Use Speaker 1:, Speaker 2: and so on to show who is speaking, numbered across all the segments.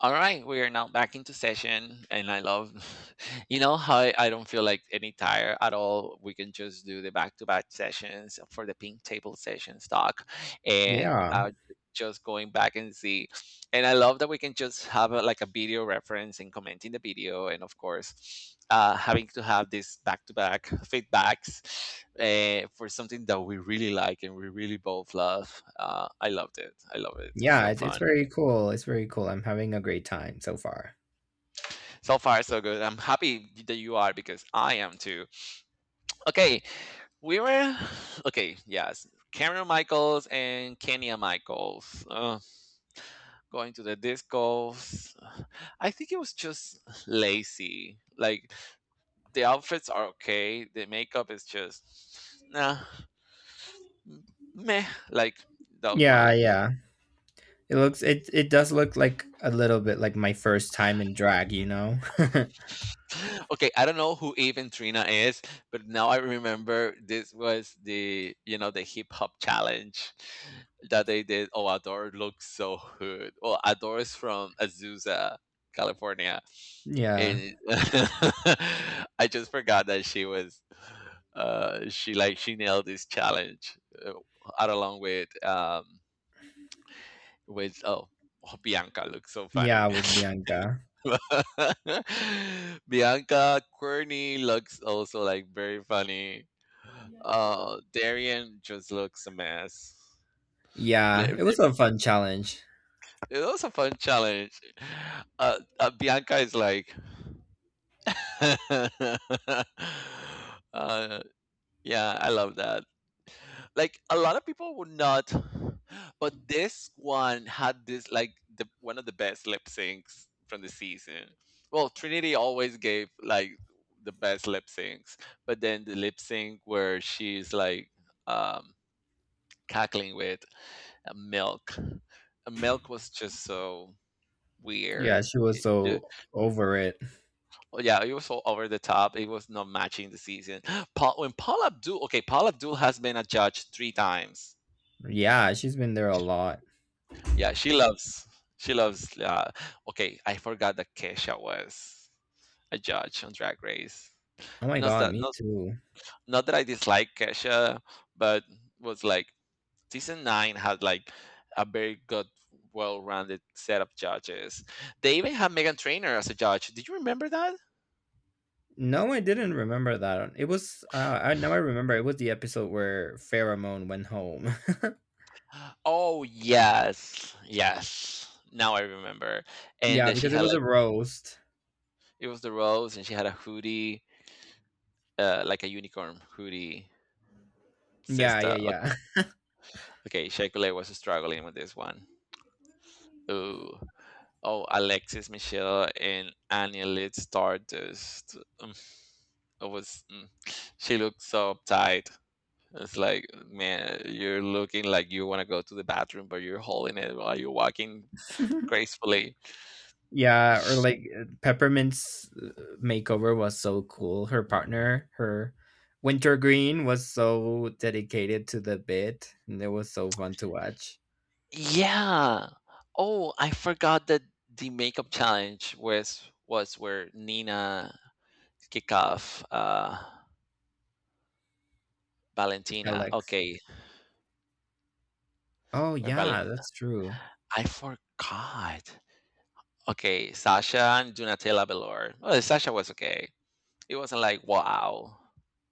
Speaker 1: All right, we are now back into session, and I love, how I don't feel like any tire at all. We can just do the back-to-back sessions for the pink table sessions talk, and
Speaker 2: Yeah,
Speaker 1: just going back and see. And I love that we can just have like a video reference and commenting the video, and of course, having to have this back-to-back feedbacks for something that we really like and we really both love. I loved it. I love it. It's
Speaker 2: yeah,
Speaker 1: so
Speaker 2: it's
Speaker 1: fun.
Speaker 2: very cool. It's very cool. I'm having a great time so far.
Speaker 1: So far, so good. I'm happy that you are because I am too. Okay, we were. Okay, yes. Cameron Michaels and Kenya Michaels. Going to the discos. I think it was just lazy. Like, the outfits are okay, the makeup is just. Nah, meh. Like, that
Speaker 2: Yeah,
Speaker 1: one.
Speaker 2: yeah. It looks it does look like a little bit like my first time in drag, you know?
Speaker 1: Okay, I don't know who even Trina is, but now I remember this was the the hip hop challenge that they did. Oh, Adore looks so good. Oh, Adore is from Azusa, California,
Speaker 2: Yeah.
Speaker 1: and I just forgot that she was. She nailed this challenge uh, out along with with oh oh Bianca looks so funny.
Speaker 2: Yeah, with Bianca.
Speaker 1: Bianca Courtney looks also like very funny. Darian just looks a mess. Like,
Speaker 2: Yeah, it
Speaker 1: th-
Speaker 2: was a fun challenge.
Speaker 1: It was a fun challenge. Bianca is like, uh, yeah, I love that. Like a lot of people would not, but this one had this like the one of the best lip syncs from the season. Well, Trinity always gave like the best lip syncs, but then the lip sync where she's like um cackling with milk. Milk was just so weird.
Speaker 2: Yeah, she was
Speaker 1: It
Speaker 2: so over it.
Speaker 1: yeah, it was so over the top. It was not matching the season. Paul, when Paul Abdul, okay, Paul Abdul has been a judge three times.
Speaker 2: Yeah, she's been there a lot.
Speaker 1: Yeah, she loves. Okay, I forgot that Kesha was a judge on Drag Race.
Speaker 2: Oh my
Speaker 1: Not
Speaker 2: god,
Speaker 1: that,
Speaker 2: me
Speaker 1: not
Speaker 2: too.
Speaker 1: not that I dislike Kesha, but was like season 9 had like a very good, well-rounded set of judges. They even had Megan Trainor as a judge. Did you remember that?
Speaker 2: No, I didn't remember that. It was I now I remember it was the episode where Pheromone went home.
Speaker 1: Oh, yes. Yes. Now I remember. And
Speaker 2: Yeah,
Speaker 1: that she
Speaker 2: because it
Speaker 1: had
Speaker 2: was a
Speaker 1: like
Speaker 2: roast.
Speaker 1: it was the rose and she had a hoodie, like a unicorn hoodie
Speaker 2: Yeah,
Speaker 1: sister. Okay,
Speaker 2: yeah,
Speaker 1: okay Shekule was struggling with this one. Ooh. Oh, Alexis Michelle and Anya Lid Stardust. It was she looked so uptight. It's like, man, you're looking like you want to go to the bathroom, but you're holding it while you're walking
Speaker 2: yeah.
Speaker 1: gracefully.
Speaker 2: Yeah, or like Peppermint's makeover was so cool. Her partner, her Wintergreen, was so dedicated to the bit, and it was so fun to watch.
Speaker 1: Yeah. Oh, I forgot that the makeup challenge was where Nina kick off Valentina.
Speaker 2: Alex.
Speaker 1: Okay,
Speaker 2: Oh
Speaker 1: where Valent
Speaker 2: yeah, that's true.
Speaker 1: I forgot. Okay, Sasha and Donatella Belor. Well, Sasha was okay. It wasn't like wow.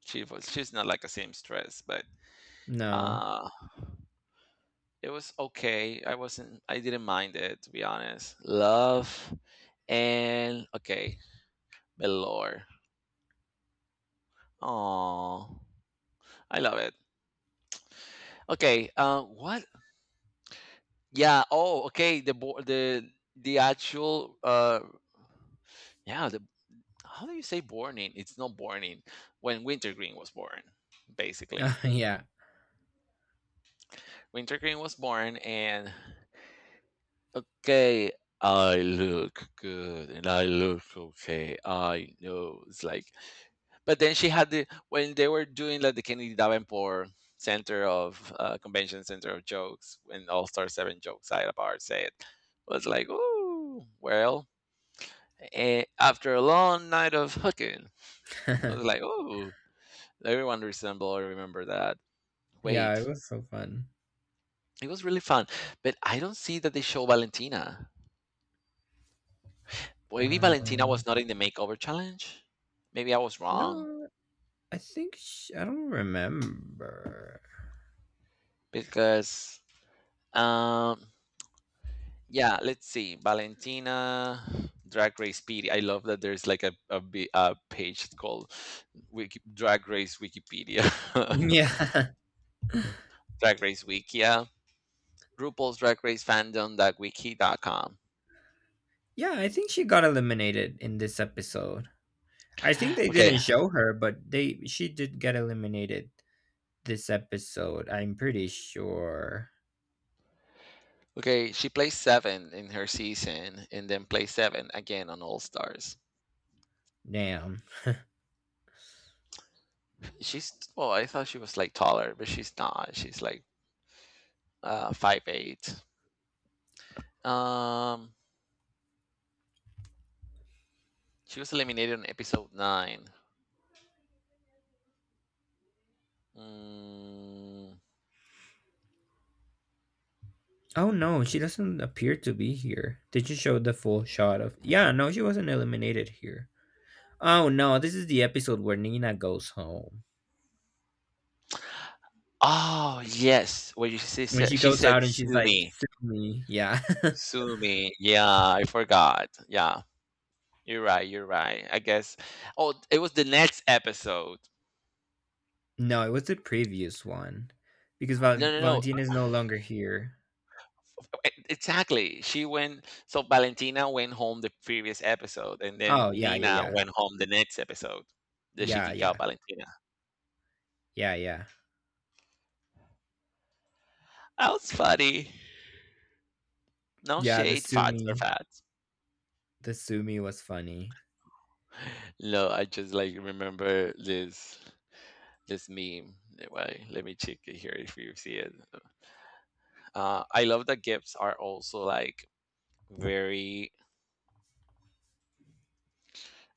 Speaker 1: She's not like a seamstress, but
Speaker 2: No.
Speaker 1: uh it was okay. I didn't mind it to be honest. Love and okay, Belor. Aww. I love it. Okay. What? Yeah. Oh, okay. The actual yeah the how do you say burning? It's not burning. When Wintergreen was born, basically,
Speaker 2: yeah.
Speaker 1: Wintergreen was born, and okay, I look good and I look okay. I know it's like. But then she had the when they were doing like the Kennedy Davenport Center of Convention Center of Jokes and All Star Seven Jokes I Apart said was like, ooh, well, eh, after a long night of hooking, I was like, ooh, everyone resemble or remember that.
Speaker 2: yeah, it
Speaker 1: Wait,
Speaker 2: was so fun.
Speaker 1: it was really fun, but I don't see that they show Valentina. Maybe Valentina
Speaker 2: Um,
Speaker 1: was not in the makeover challenge. Maybe I was wrong
Speaker 2: no, I think sh I don't remember.
Speaker 1: because um, yeah, let's see. Valentina, Drag Race PD. I love that there's like a page called Wiki, Drag Race Wikipedia,
Speaker 2: Yeah.
Speaker 1: Drag Race Wikia, RuPaul's Drag Race fandom dot wiki dot com.
Speaker 2: Yeah, I think she got eliminated in this episode. I think they
Speaker 1: Okay,
Speaker 2: didn't show her, but they she did get eliminated. This episode. I'm pretty sure.
Speaker 1: okay. She placed seven in her season, and then placed seven again on All Stars.
Speaker 2: Damn.
Speaker 1: She's well, I thought she was like taller, but she's not. She's like 5'8". Um, she was eliminated on episode 9. Mm.
Speaker 2: Oh no, she doesn't appear to be here. Did you show the full shot of? Yeah, no, she wasn't eliminated here. Oh no, this is the episode where Nina goes home.
Speaker 1: Oh, yes. What you
Speaker 2: When she
Speaker 1: she
Speaker 2: goes
Speaker 1: said,
Speaker 2: out and she's
Speaker 1: "Sue
Speaker 2: like,
Speaker 1: me.
Speaker 2: "Sue me." Yeah.
Speaker 1: Sue me." Yeah, I forgot. Yeah. You're right. I guess oh, it was the next episode.
Speaker 2: No, it was the previous one, because
Speaker 1: No, no, no.
Speaker 2: Valentina is no longer here.
Speaker 1: Exactly. She went so Valentina went home the previous episode and then
Speaker 2: Oh yeah, yeah,
Speaker 1: Nina
Speaker 2: yeah,
Speaker 1: went home the next episode. The she
Speaker 2: yeah,
Speaker 1: kicked out
Speaker 2: yeah,
Speaker 1: Valentina.
Speaker 2: yeah, yeah,
Speaker 1: That was funny. No
Speaker 2: yeah.
Speaker 1: shade, fats or fats.
Speaker 2: The Sumi was funny.
Speaker 1: No, I just like remember this meme. Wait, let me check it here if you see it. I love that GIFs are also like very.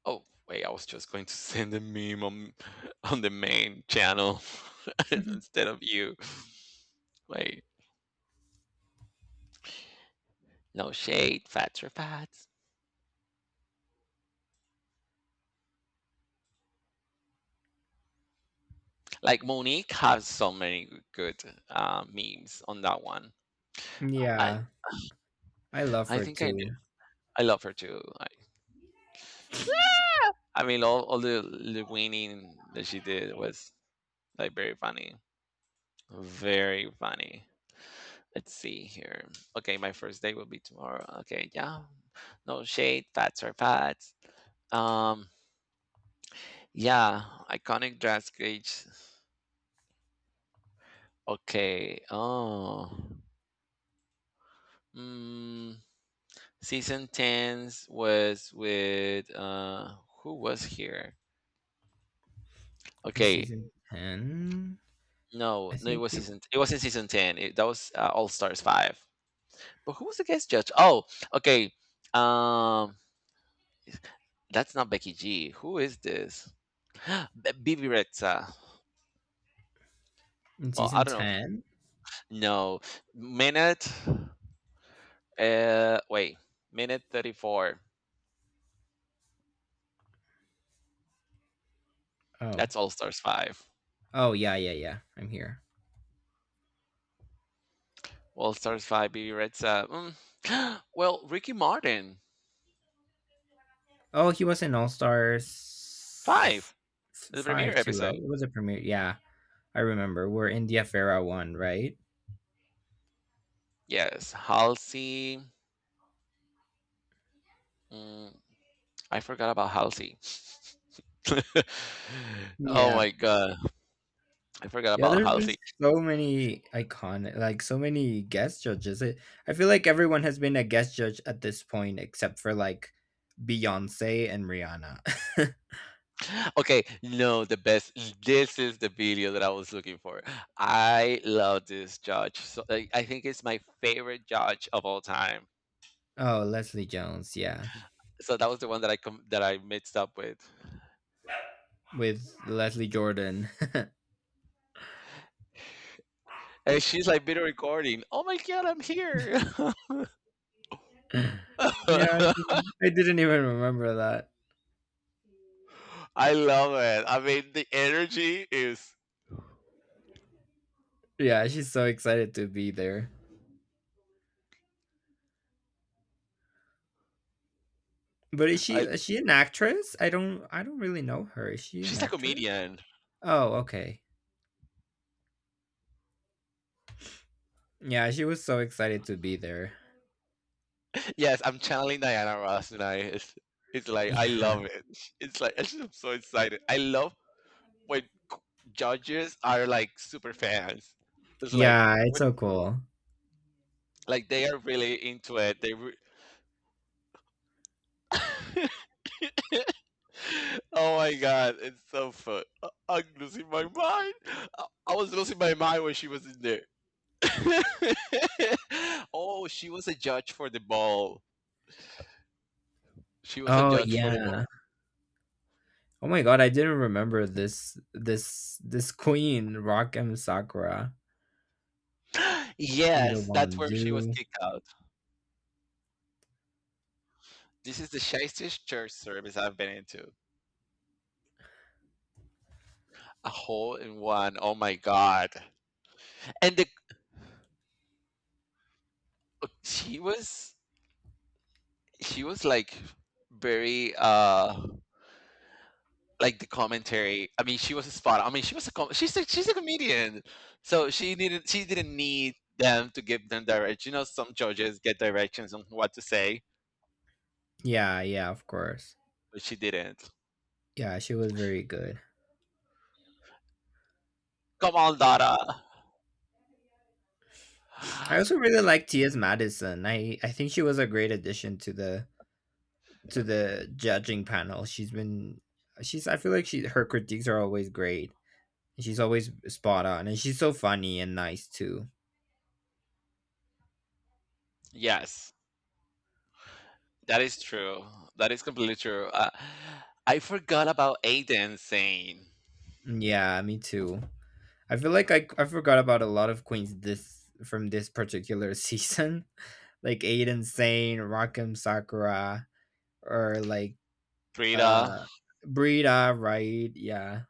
Speaker 1: Oh wait, I was just going to send a meme on the main channel instead of you. Wait, no shade, fats or fats. Like Monique has so many good memes on that one. I
Speaker 2: Yeah, I love
Speaker 1: I
Speaker 2: her
Speaker 1: think I
Speaker 2: too.
Speaker 1: I love her too. I mean, the winning that she did was like very funny. Very funny. Let's see here. Okay, my first day will be tomorrow. Okay, yeah. No shade. Fats are fats. Um, yeah. Iconic dress gauge. Okay. Oh. Mm, season 10s was with who was here?
Speaker 2: In
Speaker 1: Okay.
Speaker 2: season 10.
Speaker 1: No,
Speaker 2: i
Speaker 1: no, it
Speaker 2: think
Speaker 1: was
Speaker 2: it-
Speaker 1: season. It was in season 10. That was All Stars 5. But who was the guest judge? Oh, okay. Um, that's not Becky G. Who is this? Bibi Rexa.
Speaker 2: in
Speaker 1: Well, I
Speaker 2: season
Speaker 1: don't know.
Speaker 2: 10.
Speaker 1: No. Minute. Wait. Minute 34.
Speaker 2: Oh.
Speaker 1: That's All Stars 5.
Speaker 2: Oh yeah, yeah, yeah, I'm here.
Speaker 1: All Stars 5, Bibi Rexa. Mm. Well, Ricky Martin.
Speaker 2: Oh, he was in All Stars
Speaker 1: 5. The premiere
Speaker 2: 5 too, right?
Speaker 1: episode.
Speaker 2: It was a premiere. Yeah, I remember. We're India Farah one, right?
Speaker 1: Yes. Halsey. Mm, I forgot about Halsey. Oh
Speaker 2: Yeah.
Speaker 1: my God. I forgot
Speaker 2: Yeah,
Speaker 1: about
Speaker 2: there's been
Speaker 1: Halsey.
Speaker 2: so many iconic, like so many guest judges, I feel like everyone has been a guest judge at this point except for like Beyonce and Rihanna.
Speaker 1: Okay, no, the best. This is the video that I was looking for. I love this judge. So I think it's my favorite judge of all time.
Speaker 2: Oh, Leslie Jones. Yeah,
Speaker 1: So that was the one that that I mixed up with.
Speaker 2: with Leslie Jordan.
Speaker 1: And she's like video recording. Oh my god, I'm here.
Speaker 2: Yeah, I didn't. I didn't even remember that.
Speaker 1: I love it. I mean, the energy is.
Speaker 2: Yeah, she's so excited to be there. But
Speaker 1: I,
Speaker 2: is she an actress? I don't really know her. Is she an
Speaker 1: she's a
Speaker 2: actress?
Speaker 1: comedian.
Speaker 2: Oh, okay. Yeah, she was so excited to be there.
Speaker 1: Yes, I'm channeling Diana Ross tonight. It's like I
Speaker 2: Yeah.
Speaker 1: love it. It's like I'm so excited. I love when judges are like super fans. It's like
Speaker 2: Yeah, it's
Speaker 1: when
Speaker 2: so cool.
Speaker 1: like they are really into it. Oh my god, it's so fun. I'm losing my mind. I was losing my mind when she was in there. Oh, she was a judge for the ball. She was a
Speaker 2: Oh
Speaker 1: judge for the ball.
Speaker 2: yeah. Oh my god, I didn't remember this this queen, Rakim Sakura. We don't
Speaker 1: Yes, that's
Speaker 2: want to
Speaker 1: where she was
Speaker 2: do.
Speaker 1: kicked out. This is the shiestest church service I've been into. A hole in one. Oh my god. And the uh, she was she was like very like the commentary. I mean she was spot on. I mean she's a comedian, so she didn't need them to give them direction. You know, some judges get directions on what to say,
Speaker 2: Yeah, yeah, of course.
Speaker 1: but she didn't.
Speaker 2: Yeah, she was very good.
Speaker 1: Come on dada.
Speaker 2: I also really like Tia's Madison. I think she was a great addition to the judging panel. She's I feel like she her critiques are always great. She's always spot on and she's so funny and nice too.
Speaker 1: Yes, that is true. That is completely true. I forgot about Aiden saying
Speaker 2: Yeah, me too. I feel like I forgot about a lot of queens this from this particular season. Like Aiden Sane, Rakim Sakura, or like
Speaker 1: Frida.
Speaker 2: uh Brita, right? Yeah.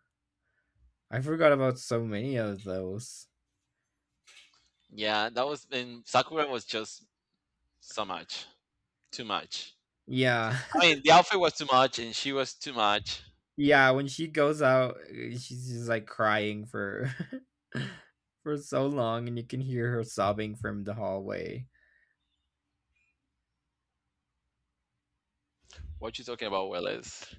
Speaker 2: I forgot about so many of those.
Speaker 1: Yeah, that was in Sakura was just so much too much.
Speaker 2: Yeah.
Speaker 1: I mean, the outfit was too much, and she was too much.
Speaker 2: Yeah, when she goes out, she's just, like, crying for for so long, and you can hear her sobbing from the hallway.
Speaker 1: What you talking about, Willis?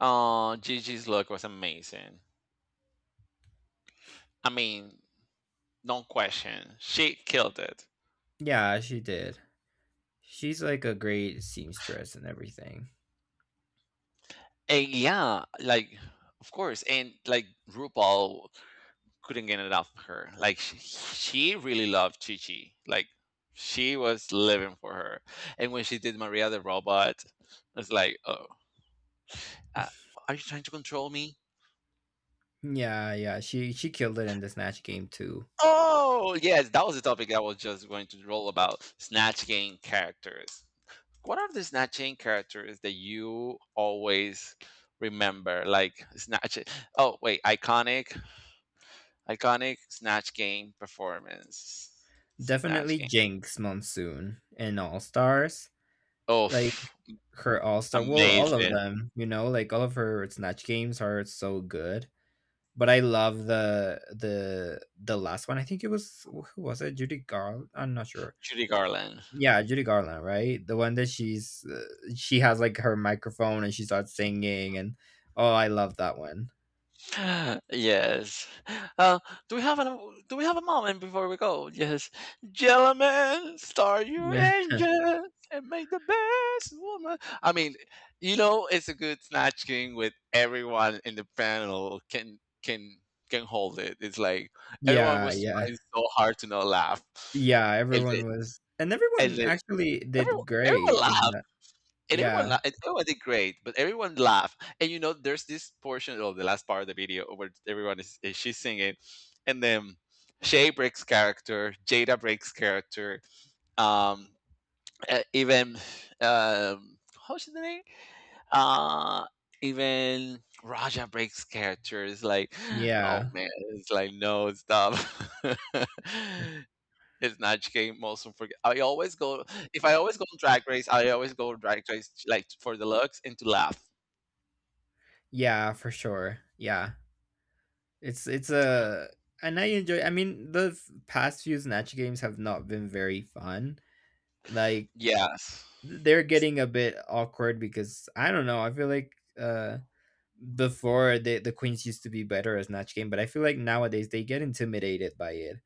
Speaker 1: Oh, Gigi's look was amazing. I mean, no question, she killed it.
Speaker 2: Yeah, she did. She's, like, a great seamstress and everything.
Speaker 1: And yeah, like, of course, and like RuPaul couldn't get enough of her. Like, she really loved Chi Chi. Like, she was living for her. And when she did Maria the Robot, it's like, oh, uh, are you trying to control me?
Speaker 2: Yeah, yeah, she killed it in the Snatch Game too.
Speaker 1: Oh, yes, that was the topic I was just going to roll about Snatch Game characters. What are the Snatch Game characters that you always remember? Like Snatch. Oh, wait, iconic Snatch Game performance. Snatch
Speaker 2: Definitely
Speaker 1: Game.
Speaker 2: Jinx, Monsoon, and All-Stars.
Speaker 1: Oh,
Speaker 2: Like, her All-Star well, all of
Speaker 1: amazing.
Speaker 2: them, you know, like, all of her Snatch Games are so good, but I love the the last one. I think it was who was it? Judy Garland. I'm not sure.
Speaker 1: Judy Garland.
Speaker 2: Yeah, Judy Garland, right? The one that she has like her microphone and she starts singing and oh, I love that one.
Speaker 1: Yes. Uh, do we have a moment before we go? Yes. Gentlemen, start your
Speaker 2: Yeah.
Speaker 1: engines and make the best woman. I mean, you know, it's a good snatch game with everyone in the panel can hold it. It's like everyone
Speaker 2: Yeah,
Speaker 1: was
Speaker 2: yeah.
Speaker 1: trying so hard to not laugh,
Speaker 2: Yeah,
Speaker 1: and they,
Speaker 2: everyone was and
Speaker 1: and
Speaker 2: everyone
Speaker 1: they,
Speaker 2: actually did
Speaker 1: everyone
Speaker 2: great in
Speaker 1: laughed
Speaker 2: that. Yeah.
Speaker 1: and everyone did great, but everyone laughed. And you know, there's this portion of the last part of the video where is she's singing, and then Shay breaks character, Jada breaks character, um, even um, how's the name? Uh, even Raja breaks character. It's like, oh
Speaker 2: Yeah.
Speaker 1: man, it's like no stop. It's Snatch Game most unforgettable. I always go if I always go on Drag Race, I always go on Drag Race like for the looks and to laugh.
Speaker 2: Yeah, for sure. Yeah. It's a and I enjoy I mean the past few Snatch games have not been very fun. Like
Speaker 1: Yes.
Speaker 2: they're getting a bit awkward because I don't know. I feel like uh before the queens used to be better at Snatch Game, but I feel like nowadays they get intimidated by it.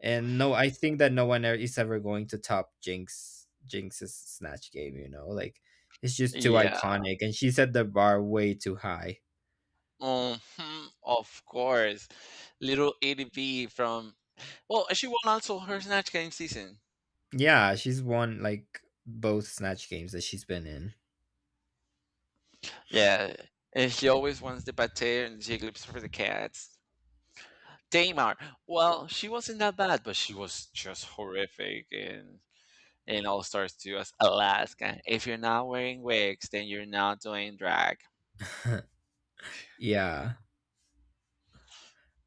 Speaker 2: And no, I think that no one is ever going to top Jinx's Snatch Game. You know, like it's just too
Speaker 1: Yeah.
Speaker 2: iconic, and she set the bar way too high.
Speaker 1: Hmm. Of course. Little ADB from well, she won also her Snatch Game season.
Speaker 2: Yeah, she's won like both Snatch Games that she's been in.
Speaker 1: Yeah. And she always wants the pate and Jigglypuff for the cats. Tamar. Well, she wasn't that bad, but she was just horrific and in all stars to us, Alaska. If you're not wearing wigs, then you're not doing drag.
Speaker 2: Yeah.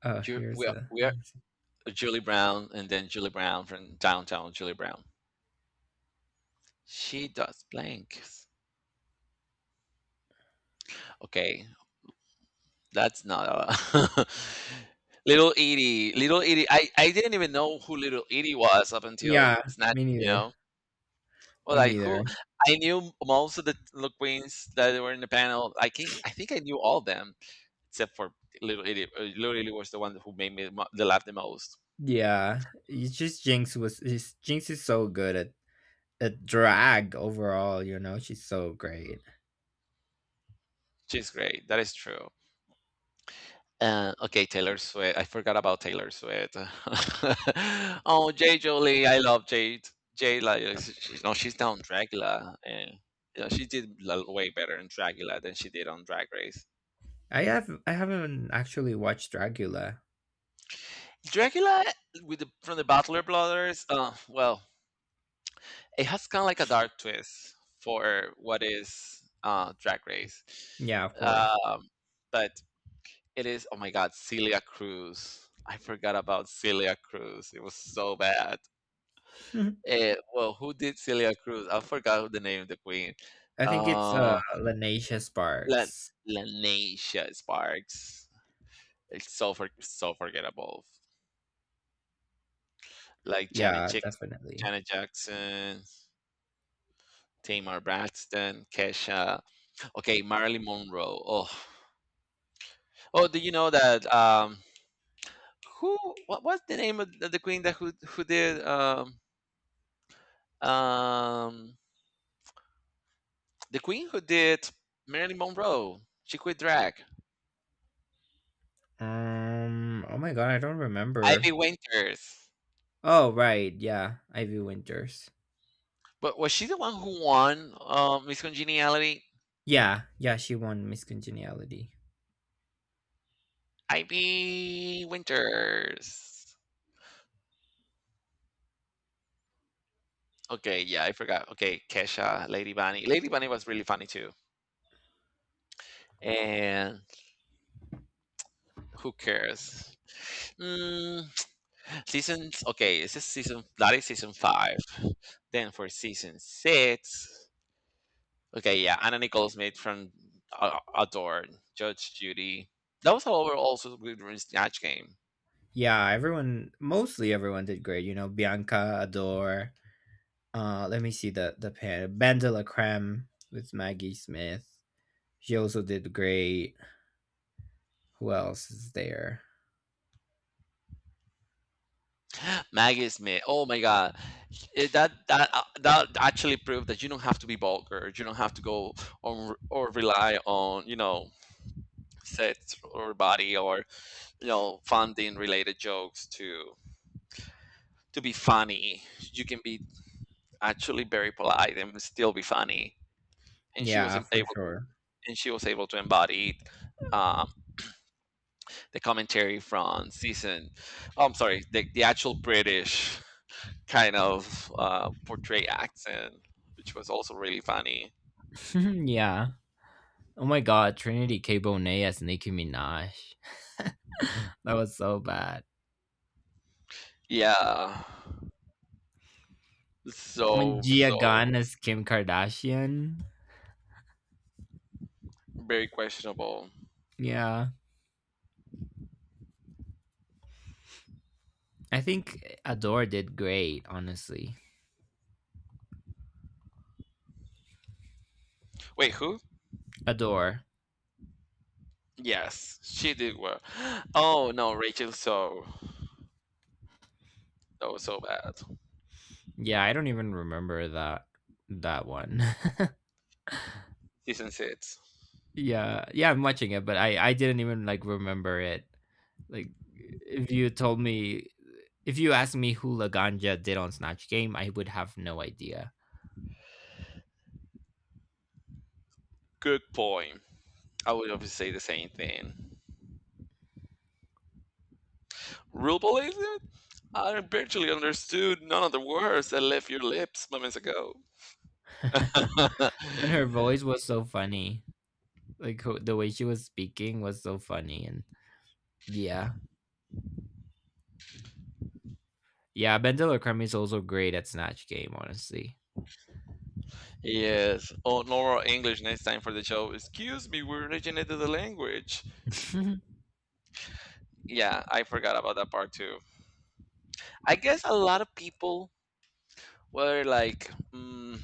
Speaker 2: Oh,
Speaker 1: You're, we
Speaker 2: here's
Speaker 1: are,
Speaker 2: a.
Speaker 1: we are Julie Brown and then Julie Brown from downtown Julie Brown. She does blanks. Okay, that's not a... Little Edie. Little Edie. I didn't even know who Little Edie was up until
Speaker 2: Yeah,
Speaker 1: Snatch,
Speaker 2: me
Speaker 1: you
Speaker 2: neither.
Speaker 1: know? Well,
Speaker 2: Me
Speaker 1: like who?
Speaker 2: neither.
Speaker 1: I knew most of the little queens that were in the panel. I can not, I think I knew all of them, except for Little Italy. Little Italy was the one who made me mo- the laugh the most.
Speaker 2: Yeah, it's just Jinx is so good at drag overall. You know, she's so great.
Speaker 1: She's great. That is true. Okay, Taylor Swift. I forgot about Taylor Swift. Oh, Jay Jolie. I love Jade. Jade, like, she, no, she's down Dracula, and you know, she did way better in Dracula than she did on Drag Race.
Speaker 2: I haven't actually watched Dragula.
Speaker 1: Dracula with, the, from the Butler Brothers. Well, it has kind of like a dark twist for what is Drag Race.
Speaker 2: Yeah, of course.
Speaker 1: Um, but it is, oh my God, Celia Cruz. I forgot about Celia Cruz. It was so bad.
Speaker 2: I
Speaker 1: Well, who did Celia Cruz? I forgot who the name of the queen.
Speaker 2: think it's
Speaker 1: Uh,
Speaker 2: Lanasia
Speaker 1: La
Speaker 2: Sparks.
Speaker 1: Lanisha Sparks. It's so forgettable. Like
Speaker 2: Yeah, definitely.
Speaker 1: Janet Jackson, Tamar Braxton, Kesha. Okay, Marilyn Monroe. Oh, oh, do you know that? Who? What was the name of the queen that who did um The queen who did Marilyn Monroe. She quit drag.
Speaker 2: Oh my god, I don't
Speaker 1: Ivy
Speaker 2: remember.
Speaker 1: Winters.
Speaker 2: Oh right, yeah, Ivy Winters.
Speaker 1: But was she the one who won Miss Congeniality?
Speaker 2: Yeah, yeah, she won Miss Congeniality.
Speaker 1: Ivy Winters. Okay, yeah, I forgot. Okay, Kesha, Lady Bunny. Lady Bunny was really funny too. And who cares? Mm, seasons. Okay, this is season. That is season 5. Then for season 6. Okay, yeah, Anna Nicole Smith from Adored, Judge Judy. That was however also a good snatch game.
Speaker 2: Yeah, everyone, mostly everyone did great. You know, Bianca, Adore, uh, let me see the pair. Bandela creme with Maggie Smith. She also did great. Who else is there?
Speaker 1: Maggie Smith. Oh my God. That actually proved that you don't have to be vulgar. You don't have to go on or rely on sex or body or funding related jokes to be funny. You can be actually very polite and still be funny. And she was
Speaker 2: Yeah,
Speaker 1: able
Speaker 2: for
Speaker 1: to
Speaker 2: sure.
Speaker 1: embody it, the commentary from season. Oh, I'm sorry, the actual British kind of portray accent, which was also really funny.
Speaker 2: yeah. Oh my god, Trinity K. Bonet as Nicki Minaj. That was so bad.
Speaker 1: Yeah,
Speaker 2: When
Speaker 1: so
Speaker 2: Gia Gunn
Speaker 1: so
Speaker 2: as Kim Kardashian.
Speaker 1: very questionable.
Speaker 2: Yeah. I think Adore did great, honestly.
Speaker 1: Wait, who?
Speaker 2: Adore.
Speaker 1: Yes, she did well. Oh no, Rachel, so that was so bad.
Speaker 2: Yeah, I don't even remember that one.
Speaker 1: season 6.
Speaker 2: Yeah, yeah, I'm watching it, but I didn't even like remember it. Like if you told me if you asked me who Laganja did on Snatch Game, I would have no idea.
Speaker 1: Good point. I would obviously say the same thing. Rubel, is it? I barely understood none of the words that left your lips moments ago.
Speaker 2: And her voice was so funny. Like the way she was speaking was so funny and yeah. Yeah, Bendel Crummy is also great at Snatch Game, honestly.
Speaker 1: Yes, oh, normal English next time for the show. Excuse me, we originated the language. Yeah, I forgot about that part too. I guess a lot of people were like,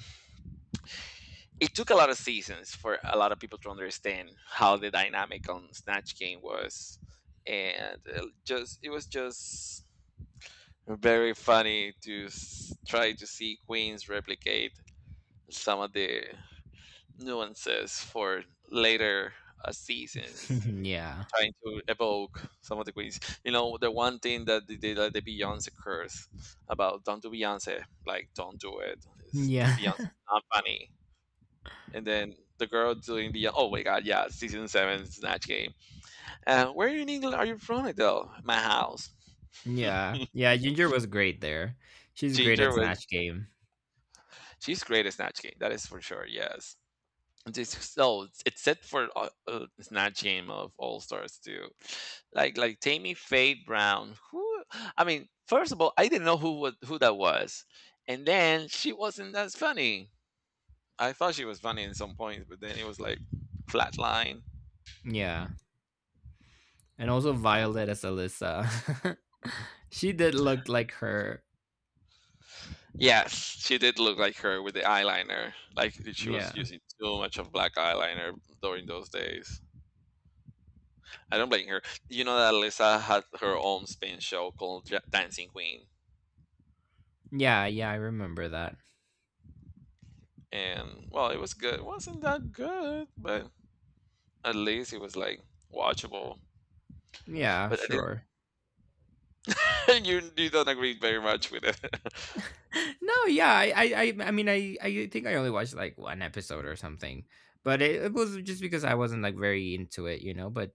Speaker 1: it took a lot of seasons for a lot of people to understand how the dynamic on Snatch Game was, and just it was just very funny to try to see Queens replicate some of the nuances for later seasons.
Speaker 2: Yeah.
Speaker 1: Trying to evoke some of the queens. You know, the one thing that like the Beyonce curse about don't do Beyonce, like don't do it. It's,
Speaker 2: Yeah.
Speaker 1: Beyonce is not funny. And then the girl doing the, oh my god, yeah, season 7 snatch game. Where in England are you from, Adele? My house.
Speaker 2: Yeah. Yeah, Ginger was great there. She's great
Speaker 1: Ginger
Speaker 2: at
Speaker 1: was,
Speaker 2: Snatch Game.
Speaker 1: she's great at snatch game. That is for sure. Yes, this so it's set for snatch game of all stars too, like tammy faye brown, who, I mean, first of all, I didn't know who was, who that was, and then she wasn't as funny. I thought she was funny in some points, but then it was like flatline.
Speaker 2: Yeah. And also Violet as Alyssa. She did look like her.
Speaker 1: Yes, she did look like her, with the eyeliner. Like she was
Speaker 2: Yeah.
Speaker 1: using too much of black eyeliner during those days. I don't blame her. You know that alyssa had her own spin show called dancing queen.
Speaker 2: Yeah, yeah, I remember that.
Speaker 1: And well, it was good. It wasn't that good, but at least it was like watchable.
Speaker 2: Yeah,
Speaker 1: But I
Speaker 2: sure.
Speaker 1: didn't. You don't agree very much with it.
Speaker 2: No, yeah, I I mean, I think I only watched like one episode or something, but it was just because I wasn't like very into it, you know. But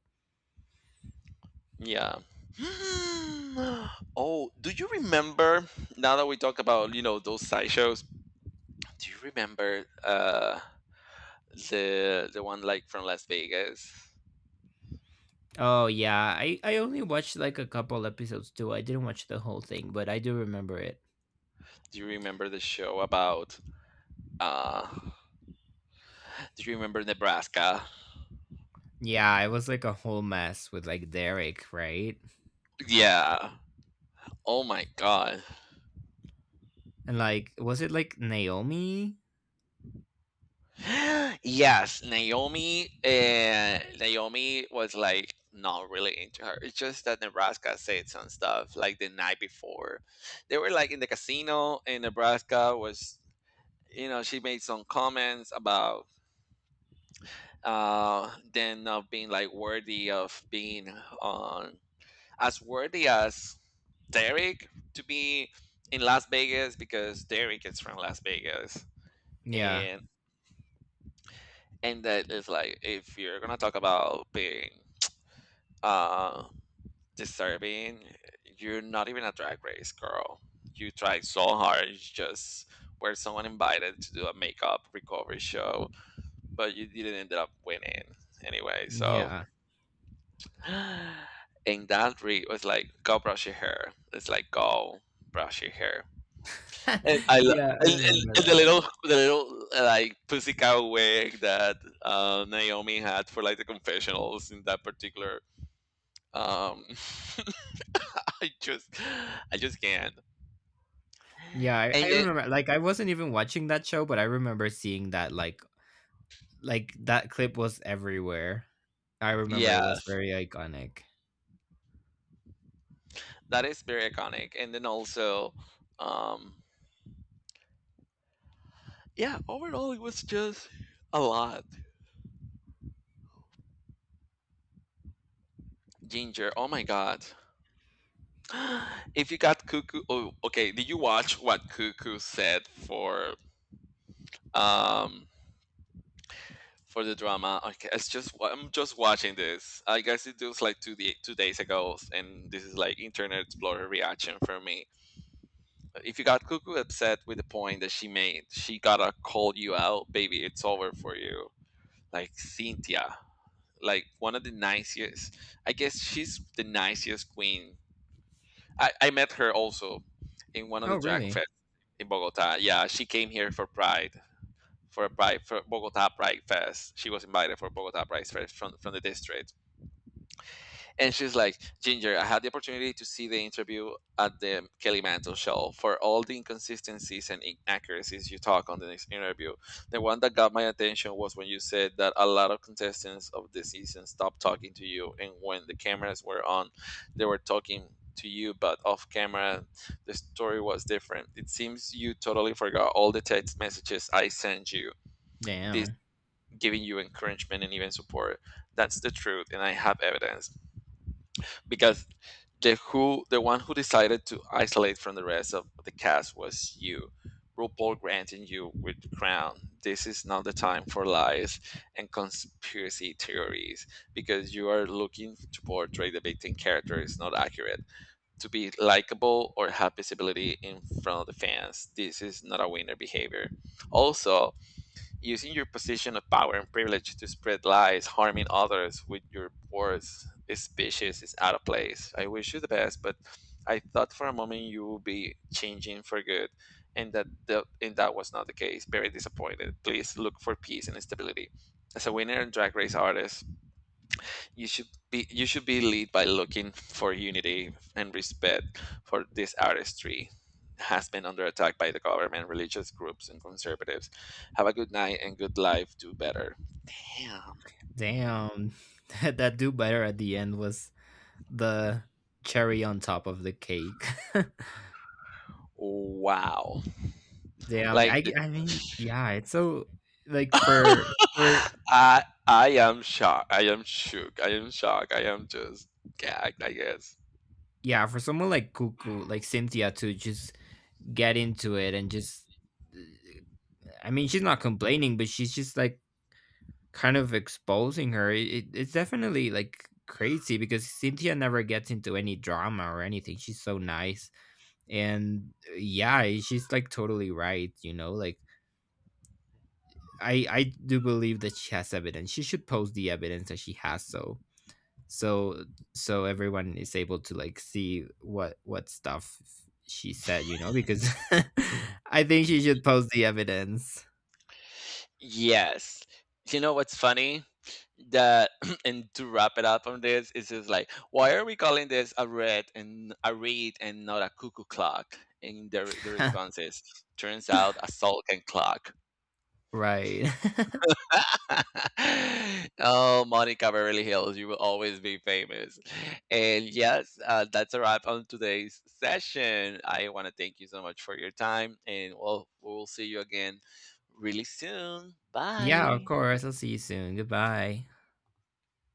Speaker 1: Yeah. Hmm. Oh, do you remember? Now that we talk about those side shows, do you remember the one like from Las Vegas?
Speaker 2: oh yeah, I only watched like a couple episodes too. I didn't watch the whole thing, but I do remember it.
Speaker 1: Do you remember the show about uh? Do you remember Nebraska?
Speaker 2: Yeah, it was like a whole mess with like Derek, right?
Speaker 1: Yeah. Oh my god.
Speaker 2: And like, was it like Naomi?
Speaker 1: Yes, Naomi. Naomi was like not really into her. It's just that Nebraska said some stuff like the night before. They were like in the casino, and Nebraska was, she made some comments about them not being like worthy of being on, as worthy as Derek, to be in Las Vegas because Derek is from Las Vegas.
Speaker 2: Yeah,
Speaker 1: And and that is like, if you're gonna talk about being uh disturbing, you're not even a drag race girl. You tried so hard. You just were someone invited to do a makeup recovery show, but you didn't end up winning anyway, so.
Speaker 2: yeah.
Speaker 1: And that re was like, go brush your hair. It's like, go brush your hair. And I
Speaker 2: Yeah, I remember
Speaker 1: and the
Speaker 2: that.
Speaker 1: little, like pussy cow wig that Naomi had for like the confessionals in that particular um I just I just can't.
Speaker 2: Yeah, I
Speaker 1: And then
Speaker 2: remember. Like, I wasn't even watching that show, but I remember seeing that. Like that clip was everywhere. I remember it was
Speaker 1: yes,
Speaker 2: very iconic.
Speaker 1: that is very iconic. And then also, um yeah, overall it was just a lot. Ginger, oh my god. If you got Cuckoo, oh okay, did you watch what Cuckoo said for, um for the drama. Okay, it's just I'm just watching this. I guess it was like 2 days ago, and this is like Internet Explorer reaction for me. If you got cuckoo upset with the point that she made, she gotta call you out, baby. It's over for you. Like Cynthia, like one of the nicest. I guess she's the nicest queen. I met her also in one of
Speaker 2: Oh,
Speaker 1: the drag
Speaker 2: really?
Speaker 1: fests in Bogota. Yeah, she came here for Pride, for a Pride, for Bogota Pride Fest. She was invited for Bogota Pride Fest from the district, and she's like, "Ginger, I had the opportunity to see the interview at the Kelly Mantle show. For all the inconsistencies and inaccuracies you talk on the next interview, the one that got my attention was when you said that a lot of contestants of the season stopped talking to you, and when the cameras were on, they were talking." To you, but off camera, the story was different. It seems you totally forgot all the text messages I sent you, this
Speaker 2: Damn,
Speaker 1: giving you encouragement and even support. That's the truth, and I have evidence because the one who decided to isolate from the rest of the cast was you. RuPaul granting you with the crown. This is not the time for lies and conspiracy theories because you are looking to portray the victim character is not accurate. To be likable or have visibility in front of the fans, this is not a winner behavior. Also, using your position of power and privilege to spread lies, harming others with your words is vicious, is out of place. I wish you the best, but I thought for a moment you will be changing for good, and that and that was not the case. Very disappointed. Please look for peace and stability. As a winner and drag race artist, you should be lead by looking for unity and respect, for this artistry has been under attack by the government, religious groups, and conservatives. Have a good night and good life. Do better. Damn.
Speaker 2: damn. That that do better at the end was the cherry on top of the cake.
Speaker 1: Wow.
Speaker 2: Damn.
Speaker 1: Like the...
Speaker 2: I mean, yeah. It's so like for
Speaker 1: I am shocked. I am shook. I am shocked. I am just gagged. I guess.
Speaker 2: yeah, for someone like Cuckoo, like Cynthia to just get into it and just I mean, she's not complaining, but she's just like kind of exposing her. It's definitely like crazy because Cynthia never gets into any drama or anything. She's so nice. And yeah, she's like totally right, you know? Like I do believe that she has evidence. She should post the evidence that she has so so so everyone is able to like see what stuff she said, you know? Because I think she should post the evidence.
Speaker 1: Yes. You know what's funny? That, and to wrap it up on this, it's just like, why are we calling this a read and not a cuckoo clock? And the response is, turns out a sulking clock.
Speaker 2: Right.
Speaker 1: Oh, Monica Beverly Hills, you will always be famous. And yes, that's a wrap on today's session. I want to thank you so much for your time, and we'll see you again really soon.
Speaker 2: Yeah, of
Speaker 1: Bye.
Speaker 2: course. I'll see you soon. Goodbye.